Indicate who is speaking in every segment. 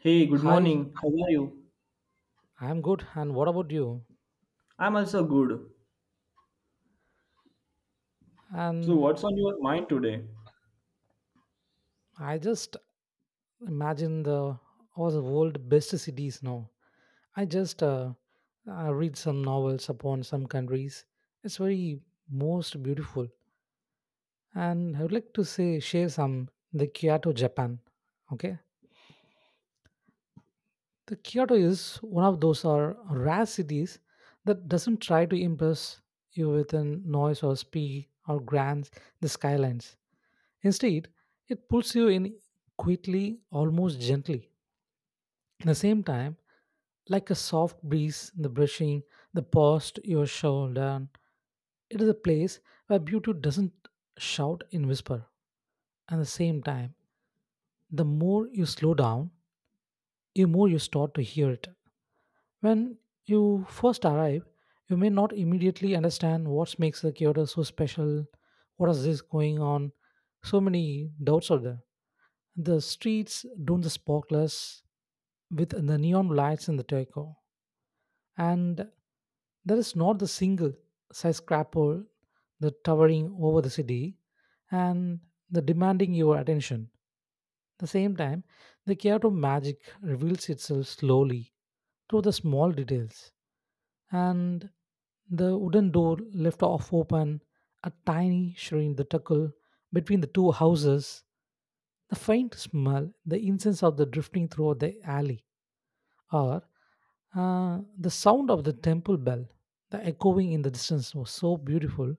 Speaker 1: Hey, good
Speaker 2: Hi,
Speaker 1: morning. How are you?
Speaker 2: I'm good. And what about you?
Speaker 1: I'm also good. So,
Speaker 2: And
Speaker 1: what's on your mind today?
Speaker 2: I just imagine the all the world best cities now. I just I read some novels upon some countries. It's very most beautiful. And I would like to say share some the Kyoto, Japan. Okay, the Kyoto is one of those are rare cities that doesn't try to impress you with a noise or speed or grand the skylines. Instead, it pulls you in quickly, almost gently. At the same time, like a soft breeze, the brushing, the past your shoulder. It is a place where beauty doesn't shout in whisper. At the same time, the more you slow down, the more you start to hear it. When you first arrive, you may not immediately understand what makes the Kyoto so special, what is this going on, so many doubts are there. The streets don't the sparklers with the neon lights in the deco, and there is not the single skyscraper the towering over the city and the demanding your attention the same time, the Kyoto magic reveals itself slowly through the small details, and the wooden door left off open, a tiny shrine, the tuckle between the two houses, the faint smell, the incense of the drifting throughout the alley, are the sound of the temple bell, the echoing in the distance, was so beautiful.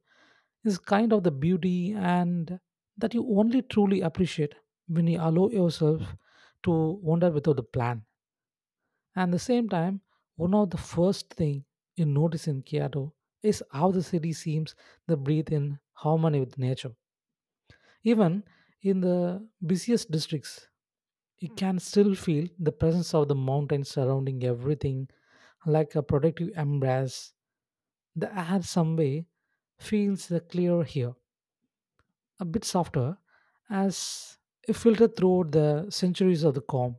Speaker 2: It's kind of the beauty and that you only truly appreciate when you allow yourself to wander without a plan. And at the same time, one of the first thing you notice in Kyoto is how the city seems to breathe in harmony with nature. Even in the busiest districts, you can still feel the presence of the mountains surrounding everything like a protective embrace. The air someway feels the clearer here, a bit softer, as if filtered throughout the centuries of the calm.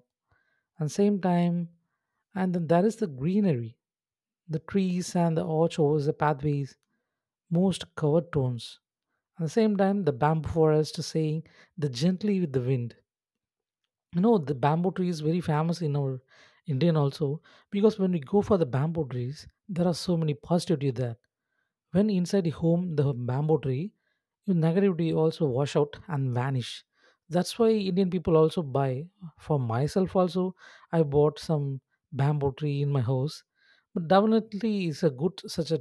Speaker 2: And same time, and then there is the greenery, the trees and the arch over the pathways, most covered tones. At the same time, the bamboo forest saying the gently with the wind. You know the bamboo tree is very famous in our Indian also, because when we go for the bamboo trees there are so many positivity there. When inside the home the bamboo tree, your negativity also wash out and vanish. That's why Indian people also buy. For myself also, I bought some bamboo tree in my house. But definitely it's a good such a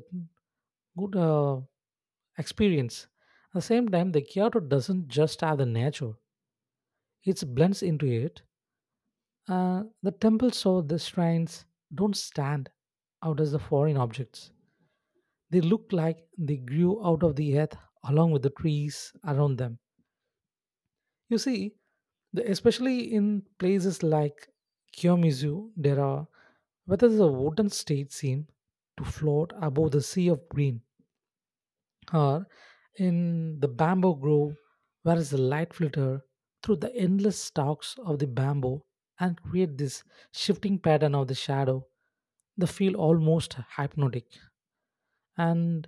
Speaker 2: good experience. At the same time the Kyoto doesn't just have the nature, it blends into it. The temple saw the shrines don't stand out as the foreign objects. They look like they grew out of the earth along with the trees around them. You see, especially in places like Kyomizu, there are where there's a wooden stage seem to float above the sea of green, or in the bamboo grove where is the light filter through the endless stalks of the bamboo and create this shifting pattern of the shadow the feel almost hypnotic. And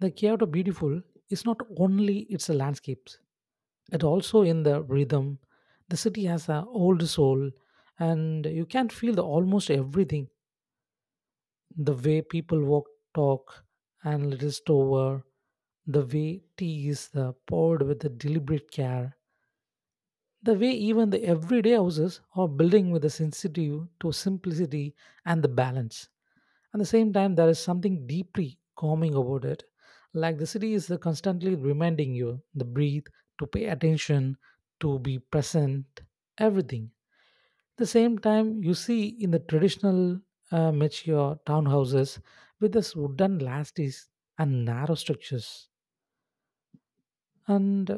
Speaker 2: the Kyoto beautiful is not only its landscapes, it also in the rhythm. The city has an old soul and you can feel the almost everything, the way people walk, talk, and list over, the way tea is poured with a deliberate care, the way even the everyday houses are building with a sensitive to simplicity and the balance. At the same time, there is something deeply calming about it. Like the city is constantly reminding you to breathe, to pay attention, to be present, everything the same time. You see in the traditional mature townhouses with this wooden lasties and narrow structures and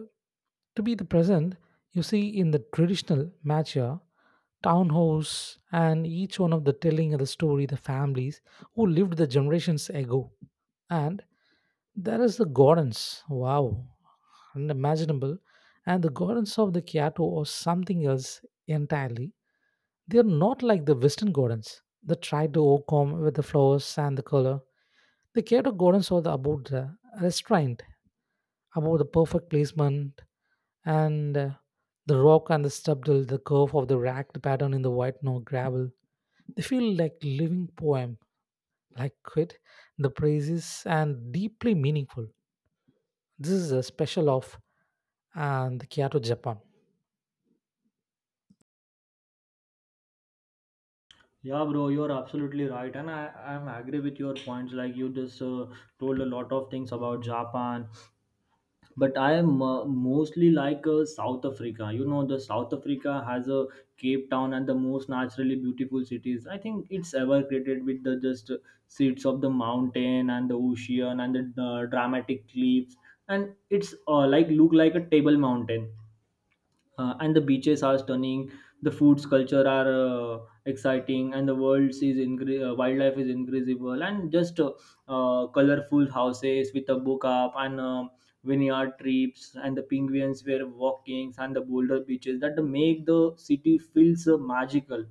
Speaker 2: to be the present. You see in the traditional mature townhouse and each one of the telling of the story the families who lived the generations ago. And there is the gardens, wow, unimaginable. And the gardens of the Kyoto or something else entirely. They are not like the Western gardens that try to overcome with the flowers and the color. The Kyoto gardens are the, about the restraint, about the perfect placement, and the rock and the stubble, the curve of the ragged pattern in the white snow gravel. They feel like living poem, like quit the praises and deeply meaningful. This is a special of and the Kyoto, Japan.
Speaker 1: Yeah, bro, you're absolutely right, and I'm agree with your points. Like you just told a lot of things about Japan, but I am mostly like South Africa. You know, the South Africa has a Cape Town and the most naturally beautiful cities. I think it's ever created with the just seats of the mountain and the ocean and the dramatic cliffs, and it's like look like a table mountain. And the beaches are stunning, the foods culture are exciting, and the wildlife is incredible, and just colorful houses with a book up, and vineyard trips, and the penguins were walkings, and the boulder beaches that make the city feels magical.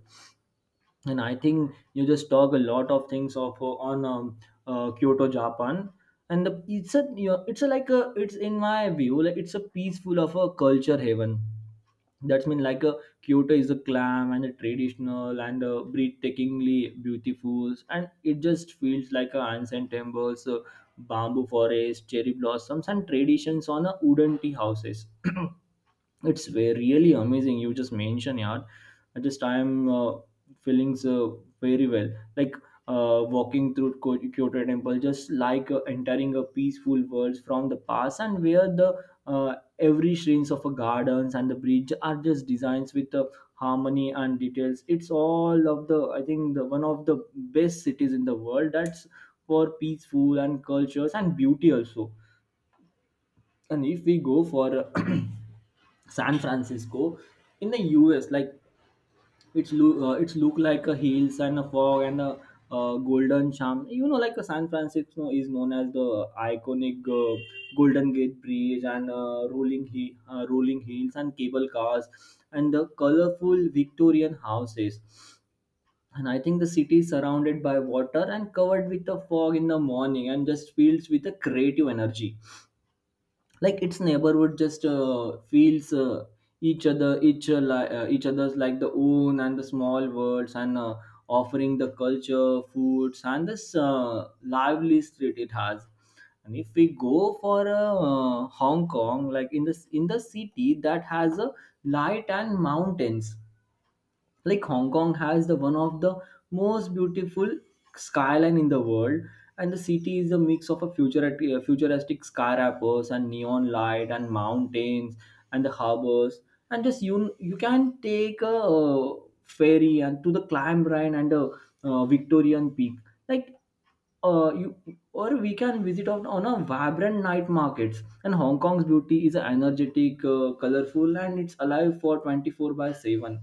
Speaker 1: And I think you just talk a lot of things of on Kyoto, Japan. And the, it's a you know, it's a, like a it's in my view like it's a peaceful of a culture haven. That's mean like a Kyoto is a calm and a traditional and breathtakingly beautiful, and it just feels like a ancient temples, bamboo forest, cherry blossoms, and traditions on a wooden tea houses. It's very really amazing you just mentioned, yeah. At this time feelings very well, like Kyoto temple just like entering a peaceful world from the past, and where the every shades of a gardens and the bridge are just designs with harmony and details. It's all of the, I think, the one of the best cities in the world, that's for peaceful and cultures and beauty also. And if we go for San Francisco in the US, like it's look like a hills and a fog and a golden charm. You know, like a San Francisco is known as the iconic Golden Gate Bridge, and rolling hills and cable cars and the colorful Victorian houses. And I think the city is surrounded by water and covered with the fog in the morning, and just feels with a creative energy. Like its neighborhood just feels each other's like the own and the small worlds, and offering the culture foods and this lively street it has. And if we go for Hong Kong, like in this in the city that has a light and mountains. Like Hong Kong has the one of the most beautiful skyline in the world, and the city is a mix of a futuristic skyscrapers and neon light and mountains and the harbors. And just you can take a uh, ferry and to the climb rhine and the Victorian peak, like you, or we can visit on a vibrant night markets. And Hong Kong's beauty is energetic, colorful, and it's alive for 24 by 7.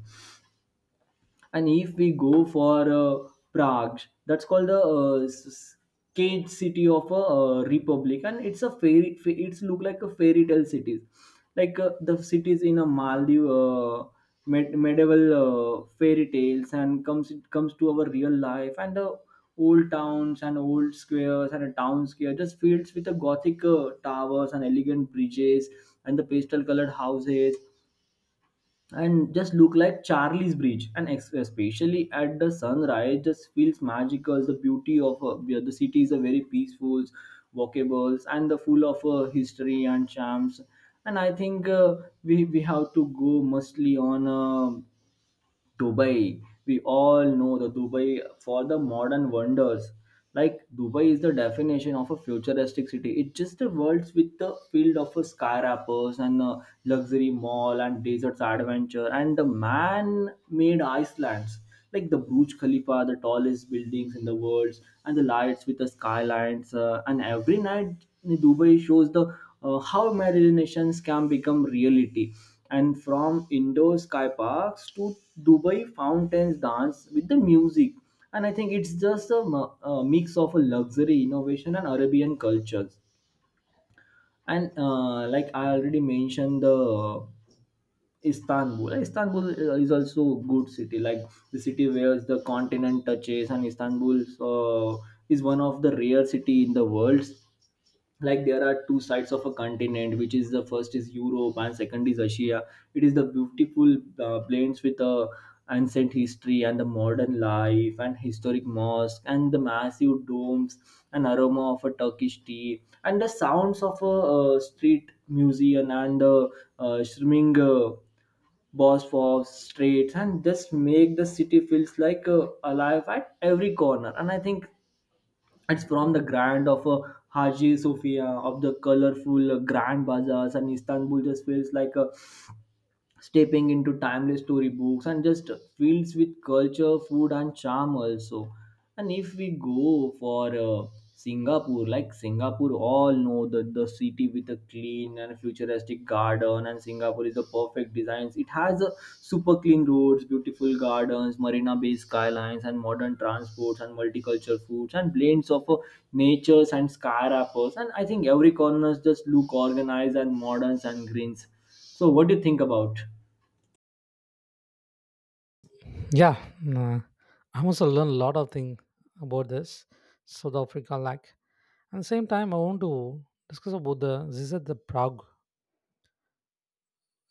Speaker 1: And if we go for Prague, that's called the cage city of a republic. And it's a it's look like a fairy tale cities, like the cities in a maldive, medieval fairy tales, and comes it comes to our real life. And the old towns and old squares, and a town square just fields with the gothic towers and elegant bridges and the pastel colored houses, and just look like Charlie's Bridge. And especially at the sunrise, just feels magical. The beauty of, yeah, the city is a very peaceful, walkable, and the full of history and charms. And I think we have to go mostly on. Dubai. We all know the Dubai for the modern wonders. Like Dubai is the definition of a futuristic city. It's just the world with the field of a skyscrapers and a luxury mall and deserts adventure and the man-made islands, like the Burj Khalifa, the tallest buildings in the world, and the lights with the skylines. And every night, Dubai shows the, how imaginations can become reality. And from indoor sky parks to Dubai fountains dance with the music. And I think it's just a, a mix of a luxury, innovation, and Arabian cultures. And like I already mentioned, the Istanbul. Istanbul is also a good city, like the city where the continent touches. And Istanbul is one of the rare city in the world. Like there are two sides of a continent, which is the first is Europe and second is Asia. It is the beautiful blends with the ancient history and the modern life and historic mosque and the massive domes and aroma of a Turkish tea and the sounds of a street museum and the streaming. Bosphorus streets, and just make the city feels like alive at every corner. And I think it's from the grand of Haji Sophia of the colorful grand bazaars, and Istanbul just feels like stepping into timeless storybooks, and just fields with culture, food, and charm also. And if we go for Singapore, like Singapore, all know that the city with a clean and futuristic garden, and Singapore is the perfect designs. It has a super clean roads, beautiful gardens, marina bay skylines, and modern transports and multicultural foods and blends of natures and skyscrapers. And I think every corner just look organized and moderns and greens. So, what do you think about?
Speaker 2: Yeah, nah, I must have learned a lot of things about this South Africa, like at the same time, I want to discuss about the this is the Prague.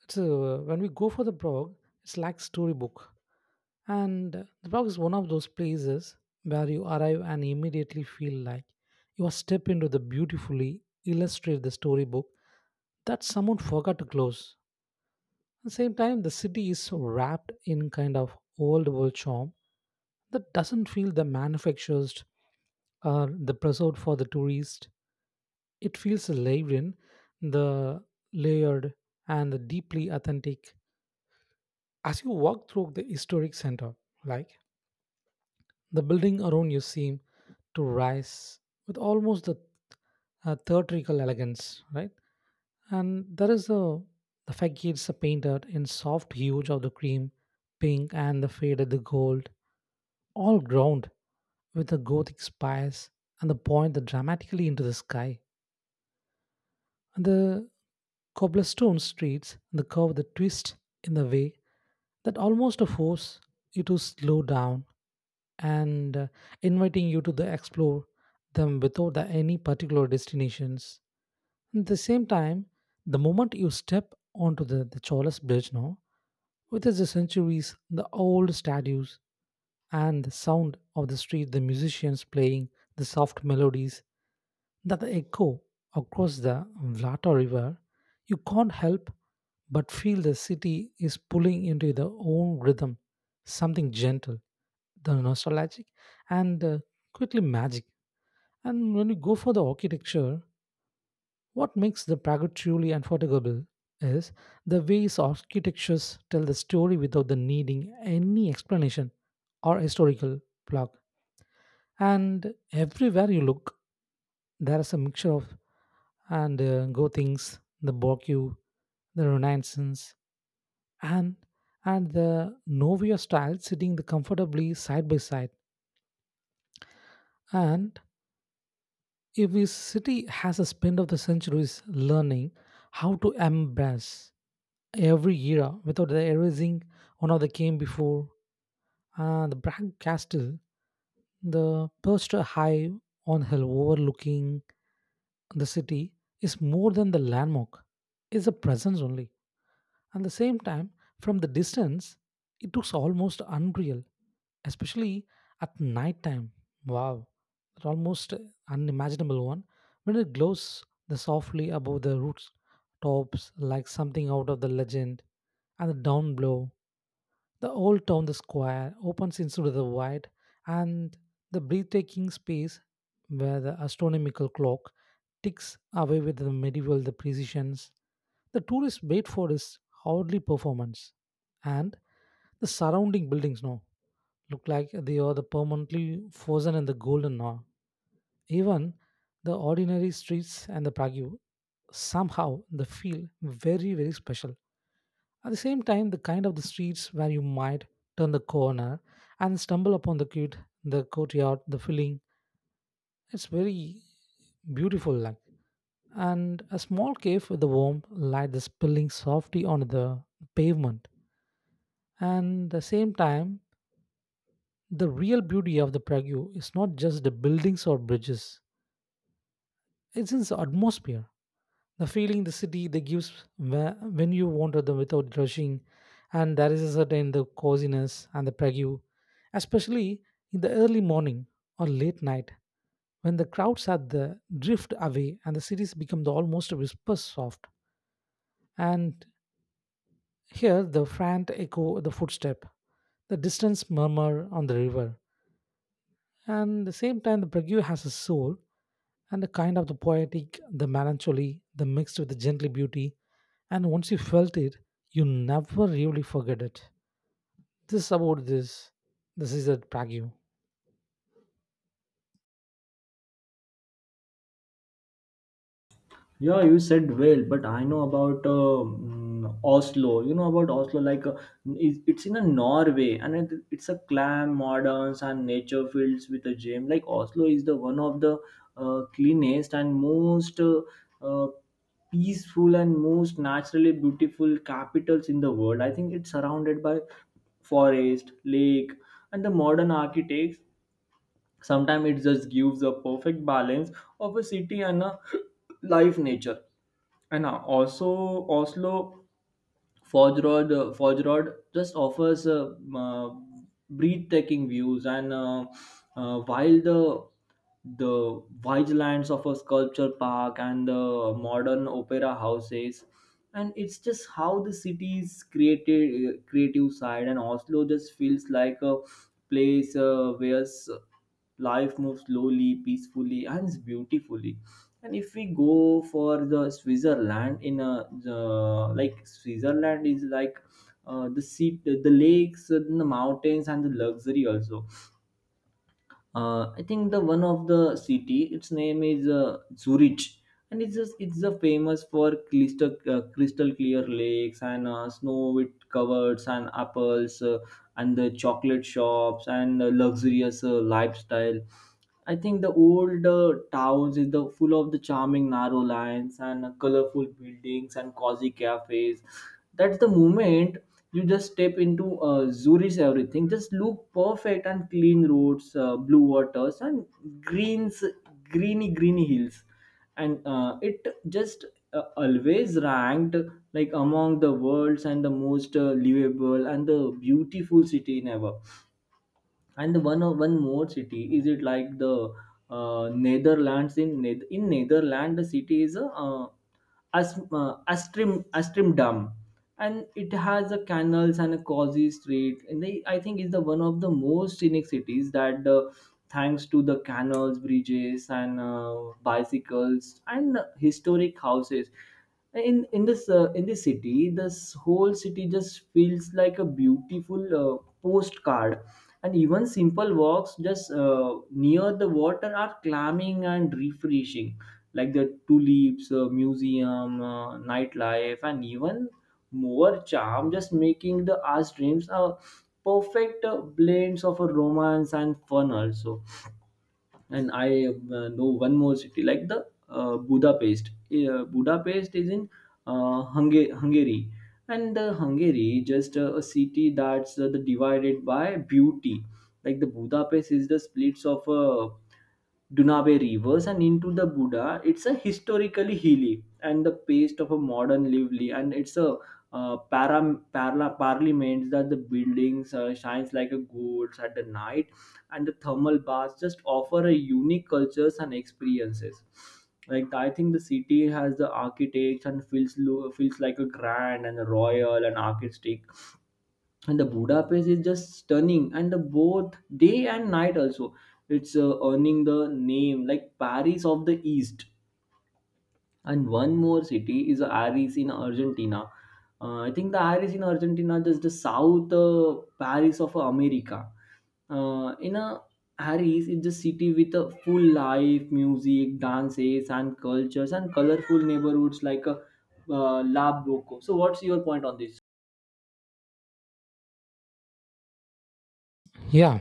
Speaker 2: It's when we go for the Prague, it's like storybook, and the Prague is one of those places where you arrive and immediately feel like you are step into the beautifully illustrated the storybook that someone forgot to close. At the same time, the city is so wrapped in kind of old world charm that doesn't feel the manufactured or the preserved for the tourist. It feels lived in, the layered and the deeply authentic. As you walk through the historic center, like the building around you seem to rise with almost the theatrical elegance, right? And there is a the facades are painted in soft hues of the cream, pink, and the faded the gold, all ground with the gothic spires and the point that dramatically into the sky. And the cobblestone streets, the curve, the twist in the way that almost force you to slow down and inviting you to the explore them without the- any particular destinations. At the same time, the moment you step onto the Cholas Bridge now, with its centuries, the old statues, and the sound of the street, the musicians playing the soft melodies that echo across the Vlata River, you can't help but feel the city is pulling into their own rhythm, something gentle, the nostalgic, and quickly magic. And when you go for the architecture, what makes the Praga truly unforgettable is the ways architectures tell the story without the needing any explanation or historical plug. And everywhere you look, there is a mixture of and Gothings, the Bocque, the Renaissance, and the Novia style sitting the comfortably side by side. And if a city has a spend of the centuries learning how to embrace every era without erasing one of the came before, the Bragg Castle, the perched high on hill overlooking the city, is more than the landmark. It's a presence only. At the same time, from the distance, it looks almost unreal, especially at night time. Wow, it's almost unimaginable one when it glows the softly above the roots tops like something out of the legend. And the down blow the old town, the square, opens into the wide and the breathtaking space where the astronomical clock ticks away with the medieval the precisions. The tourists wait for is hardly performance, and the surrounding buildings now look like they are the permanently frozen in the golden hour. Even the ordinary streets and the Prague somehow they feel very very special at the same time, the kind of the streets where you might turn the corner and stumble upon the cute, the courtyard, the filling, it's very beautiful like. And a small cave with the warm light is spilling softly on the pavement. And the same time, the real beauty of the Prague is not just the buildings or bridges, it's in the atmosphere, the feeling the city they gives whe- when you wander them without rushing. And there is a certain the coziness and the Prague, especially in the early morning or late night when the crowds are the drift away and the cities become the almost whisper soft, and here the faint echo the footstep, the distant murmur on the river. And the same time the Prague has a soul, and the kind of the poetic, the melancholy, the mixed with the gentle beauty. And once you felt it, you never really forget it. This is about this. This is a Prague.
Speaker 1: Yeah, you said well, but I know about Oslo. You know about Oslo, like it's in a Norway. And it's a clam, moderns, and nature fields with a gem. Like Oslo is the one of the cleanest and most uh, peaceful and most naturally beautiful capitals in the world. I think it's surrounded by forest, lake, and the modern architects. Sometimes it just gives a perfect balance of a city and a live nature. And also, Oslo Forge Road, Forge just offers breathtaking views, and while the vigilantes of a sculpture park and the modern opera houses, and it's just how the city's creative side, and Oslo just feels like a place where life moves slowly, peacefully, and beautifully. And if we go for the Switzerland like Switzerland is like the sea, the lakes, and the mountains, and the luxury also. I think the one of the city, its name is Zurich, and it's a famous for crystal clear lakes and snow with covers and apples, and the chocolate shops and luxurious lifestyle. I think the old towns is the full of the charming narrow lines and colorful buildings and cozy cafes. That's the moment you just step into Zurich's everything. Just look perfect and clean roads, blue waters and greens, greeny hills, and it just always ranked like among the world's and the most livable and the beautiful city in ever. And one more city is it like the Netherlands. In Netherlands, the city is As, Astrim Astrimdam, and it has a canals and a cozy street. And they, I think, is the one of the most scenic cities that the, thanks to the canals, bridges, and bicycles and historic houses. In this city, this whole city just feels like a beautiful postcard. And even simple walks just near the water are calming and refreshing, like the tulips, museum, nightlife, and even more charm, just making the Ash dreams a perfect blend of a romance and fun also. And I, know one more city, like the Budapest. Uh, budapest is in Hungary. And Hungary just, a city that's, the divided by beauty. Like the Budapest is the splits of Dunave rivers and into the Buddha. It's a historically hilly and the pace of a modern lively, and it's a parliament that the buildings shines like a gold at the night, and the thermal baths just offer a unique cultures and experiences. Like I think the city has the architects, and feels like a grand and a royal and artistic, and the Budapest is just stunning and the both day and night also. It's earning the name like Paris of the East. And one more city is Aris in Argentina. I think the Aris in Argentina is the south Paris of America, in a Harris is a city with a full life, music, dances, and cultures, and colorful neighborhoods, like a La Boco. So, what's your point on this?
Speaker 2: Yeah,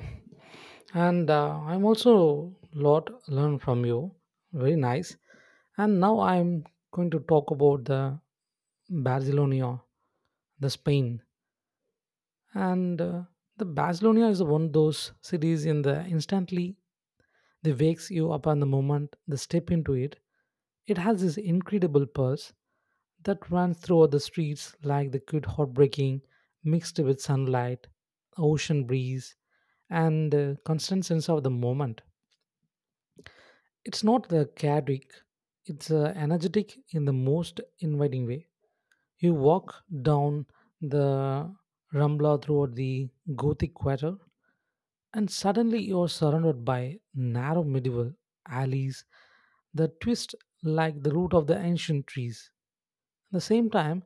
Speaker 2: and I'm also lot learned from you. Very nice. And now I'm going to talk about the Barcelona, the Spain, and the Barcelona is one of those cities in the instantly they wakes you up on the moment they step into it. It has this incredible pulse that runs through the streets like the good hot breaking mixed with sunlight, ocean breeze, and the constant sense of the moment. It's not the chaotic, it's energetic in the most inviting way. You walk down the Rambla throughout the Gothic quarter, and suddenly you're surrounded by narrow medieval alleys that twist like the root of the ancient trees. At the same time,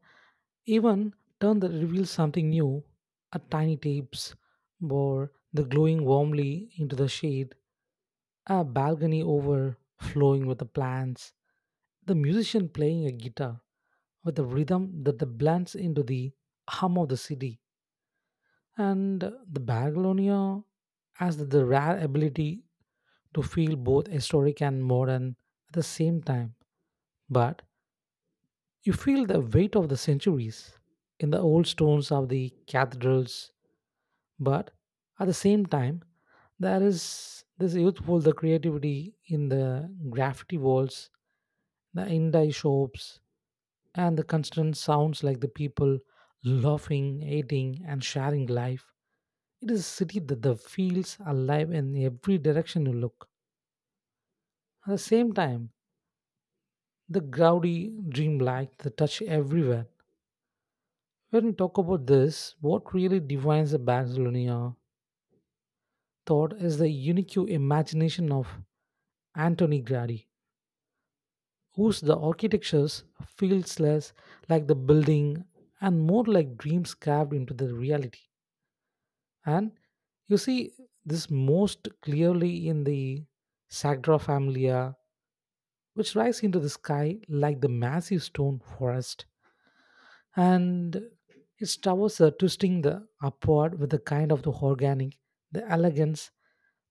Speaker 2: even turn that reveals something new, a tiny tapes bore the glowing warmly into the shade, a balcony overflowing with the plants, the musician playing a guitar with a rhythm that blends into the hum of the city, and the Babylonia has the rare ability to feel both historic and modern at the same time. But you feel the weight of the centuries in the old stones of the cathedrals. But at the same time, there is this youthful the creativity in the graffiti walls, the indie shops, and the constant sounds like the people laughing, eating, and sharing life. It is a city that the feels alive in every direction you look. At the same time, the gaudy dreamlike, the touch everywhere. When we talk about this, what really defines the Barcelona thought is the unique imagination of Antoni Gaudí, whose the architectures feels less like the building and more like dreams carved into the reality. And you see this most clearly in the Sagrada Familia, which rise into the sky like the massive stone forest, and its towers are twisting the upward with a kind of the organic, the elegance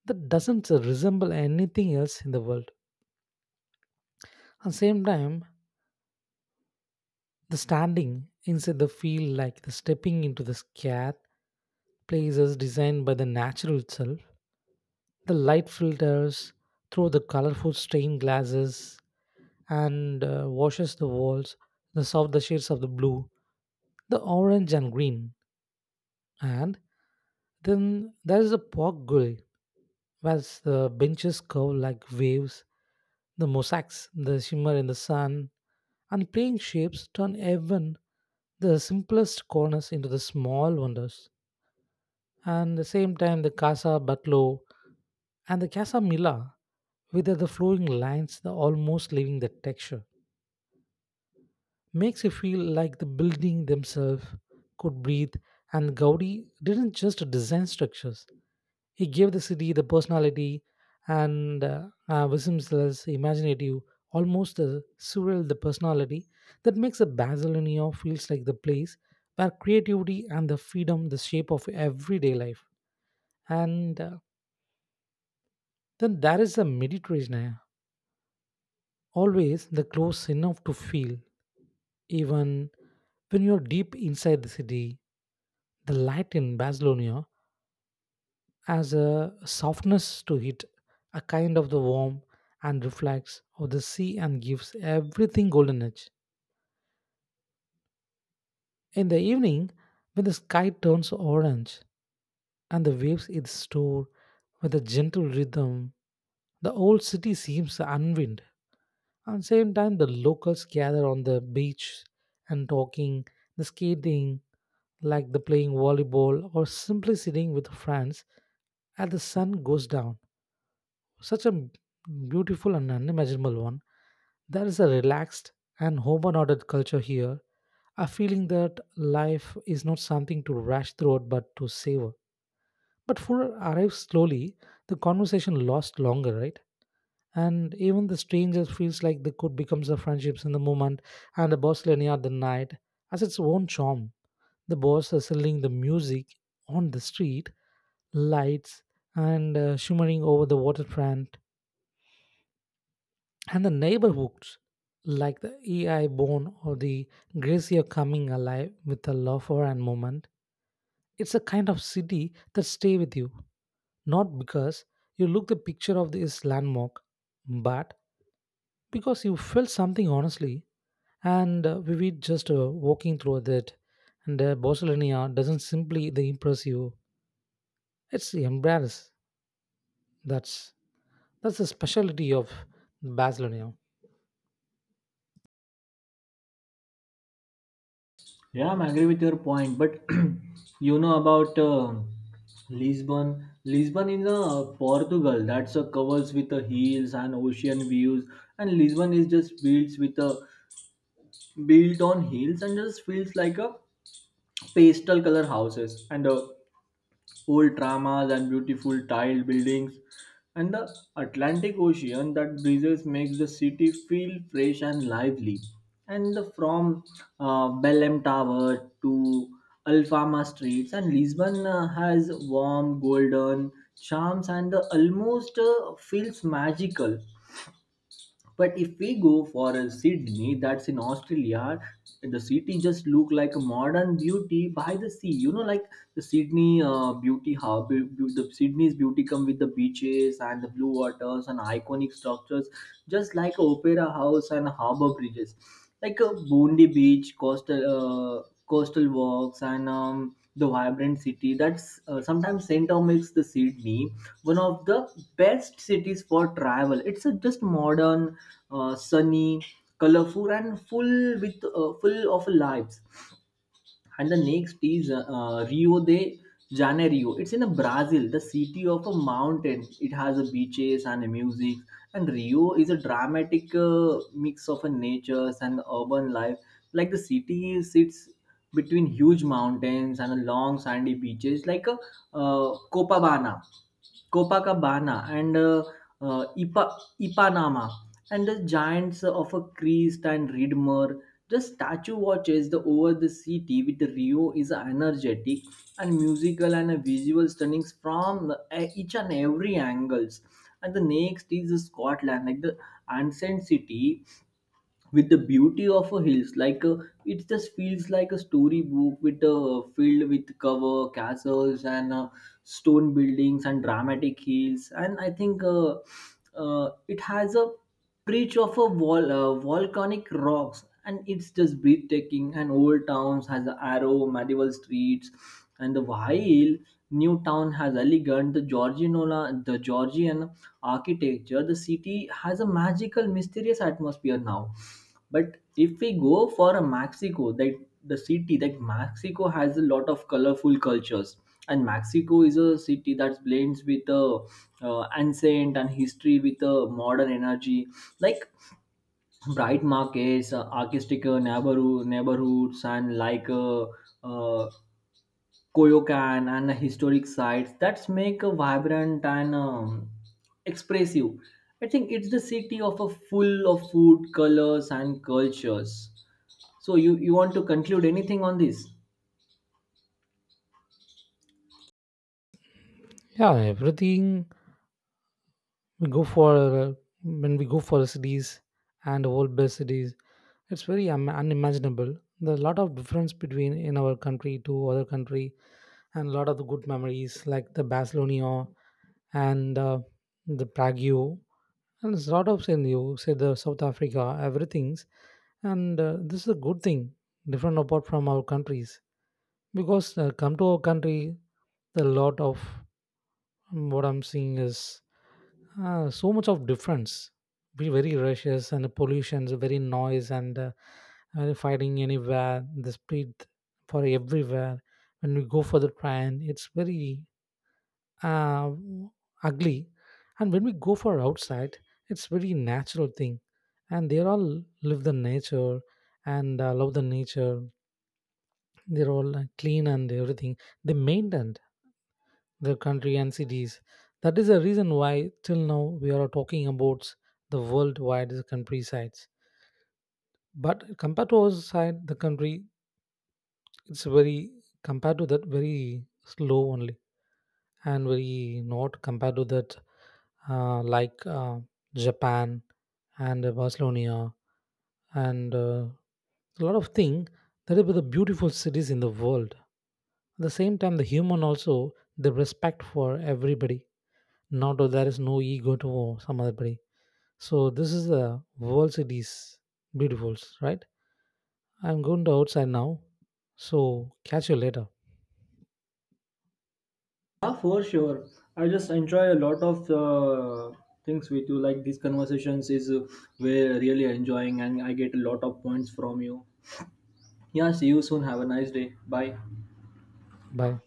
Speaker 2: that doesn't resemble anything else in the world. At the same time, the standing inside the field like the stepping into the scath places designed by the natural itself. The light filters through the colorful stained glasses and washes the walls, the soft the shades of the blue, the orange and green. And then there is a pork grill, where the benches curve like waves, the mosaics, the shimmer in the sun, and plain shapes turn even the simplest corners into the small wonders. And the same time, the Casa Batlo and the Casa Mila, with the flowing lines, the almost leaving the texture, makes you feel like the building themselves could breathe. And Gaudi didn't just design structures; he gave the city the personality and Wisdomsless, imaginative, almost surreal the personality that makes a Basilionia feels like the place where creativity and the freedom the shape of everyday life. And then there is the Mediterranean, always the close enough to feel, even when you're deep inside the city. The light in Barcelona has a softness to it, a kind of the warm and reflects of the sea and gives everything golden edge. In the evening, when the sky turns orange and the waves its store with a gentle rhythm, the old city seems unwind. At the same time, the locals gather on the beach and talking, the skating, like the playing volleyball or simply sitting with friends as the sun goes down. Such a beautiful and unimaginable one. There is a relaxed and home and ordered culture here, a feeling that life is not something to rush through it, but to savor. But food arrives slowly, the conversation lasts longer, right? And even the stranger feels like they could become the friendships in the moment, and the Barcelona at the night has its own charm. The bars are selling the music on the street, lights, and shimmering over the waterfront and the neighborhoods like the EI Bone or the Gracie are coming alive with a lover and movement. It's a kind of city that stay with you, not because you look the picture of this landmark, but because you felt something honestly. And we were just walking through that, and Barcelona doesn't simply the impress you; it's embarrass. That's that's the specialty of Barcelona.
Speaker 1: Yeah, I'm agree with your point, but you know about Lisbon. Lisbon in Portugal. That's a covers with the hills and ocean views, and Lisbon is just built with a built on hills, and just feels like a pastel color houses, and old dramas and beautiful tiled buildings, and the Atlantic Ocean that breezes makes the city feel fresh and lively. And from Belém Tower to Alfama streets, and Lisbon has warm, golden charms, and almost feels magical. But if we go for a Sydney, that's in Australia, the city just look like a modern beauty by the sea. You know, like the Sydney beauty hub, be- the Sydney's beauty come with the beaches and the blue waters and iconic structures, just like opera house and harbor bridges, like a Bondi Beach, coastal walks, and the vibrant city. That's sometimes Saint Tom makes the Sydney one of the best cities for travel. It's a just modern, sunny, colorful, and full of lives. And the next is Rio de Janeiro. It's in Brazil, the city of a mountain. It has a beaches and music. And Rio is a dramatic mix of a natures and urban life. Like the city sits between huge mountains and long sandy beaches, like a uh, Copacabana Copacabana and uh, Ipa- Ipanama, and the giants of a Crest and Reedmer. The statue watches the over the city. With Rio is energetic and musical and a visual stunnings from each and every angles. And the next is Scotland, like the ancient city with the beauty of a hills, like it just feels like a storybook with a filled with cover castles and stone buildings and dramatic hills. And I think it has a preach of a volcanic rocks, and it's just breathtaking. And old towns has the arrow medieval streets, and the Wahil new town has elegant the Georgian architecture. The city has a magical mysterious atmosphere now. But if we go for a Mexico, that the city that Mexico has a lot of colorful cultures, and Mexico is a city that blends with ancient and history with modern energy, like bright markets, artistic neighborhoods, and like uh, Koyokan and historic sites that make a vibrant and expressive. I think it's the city of a full of food, colors, and cultures. So you want to conclude anything on this?
Speaker 2: Yeah, everything we go for when we go for the cities and world best cities, it's very unimaginable. There's a lot of difference between in our country to other country, and a lot of the good memories like the barcelona and the prague, and there's a lot of in you say the south africa everything's. And this is a good thing different apart from our countries, because come to our country the lot of what I'm seeing is so much of difference. Be very rushes and the pollutions, very noise and fighting anywhere. The speed for everywhere. When we go for the train, it's very uh, ugly, and when we go for outside, it's very natural thing. And they all live the nature and love the nature. They're all clean and everything. They maintain their country and cities. That is the reason why till now we are talking about the worldwide country sites. But compared to our side, the country, it's very compared to that very slow only, and very not compared to that like Japan and Barcelona and a lot of thing that are the beautiful cities in the world. At the same time, the human also the respect for everybody, not there is no ego to some other body. So this is the world cities, beautifuls, right? I'm going to outside now. So catch you later.
Speaker 1: Yeah, for sure. I just enjoy a lot of things with you. Like these conversations is we're really enjoying, and I get a lot of points from you. Yeah, see you soon. Have a nice day. Bye.
Speaker 2: Bye.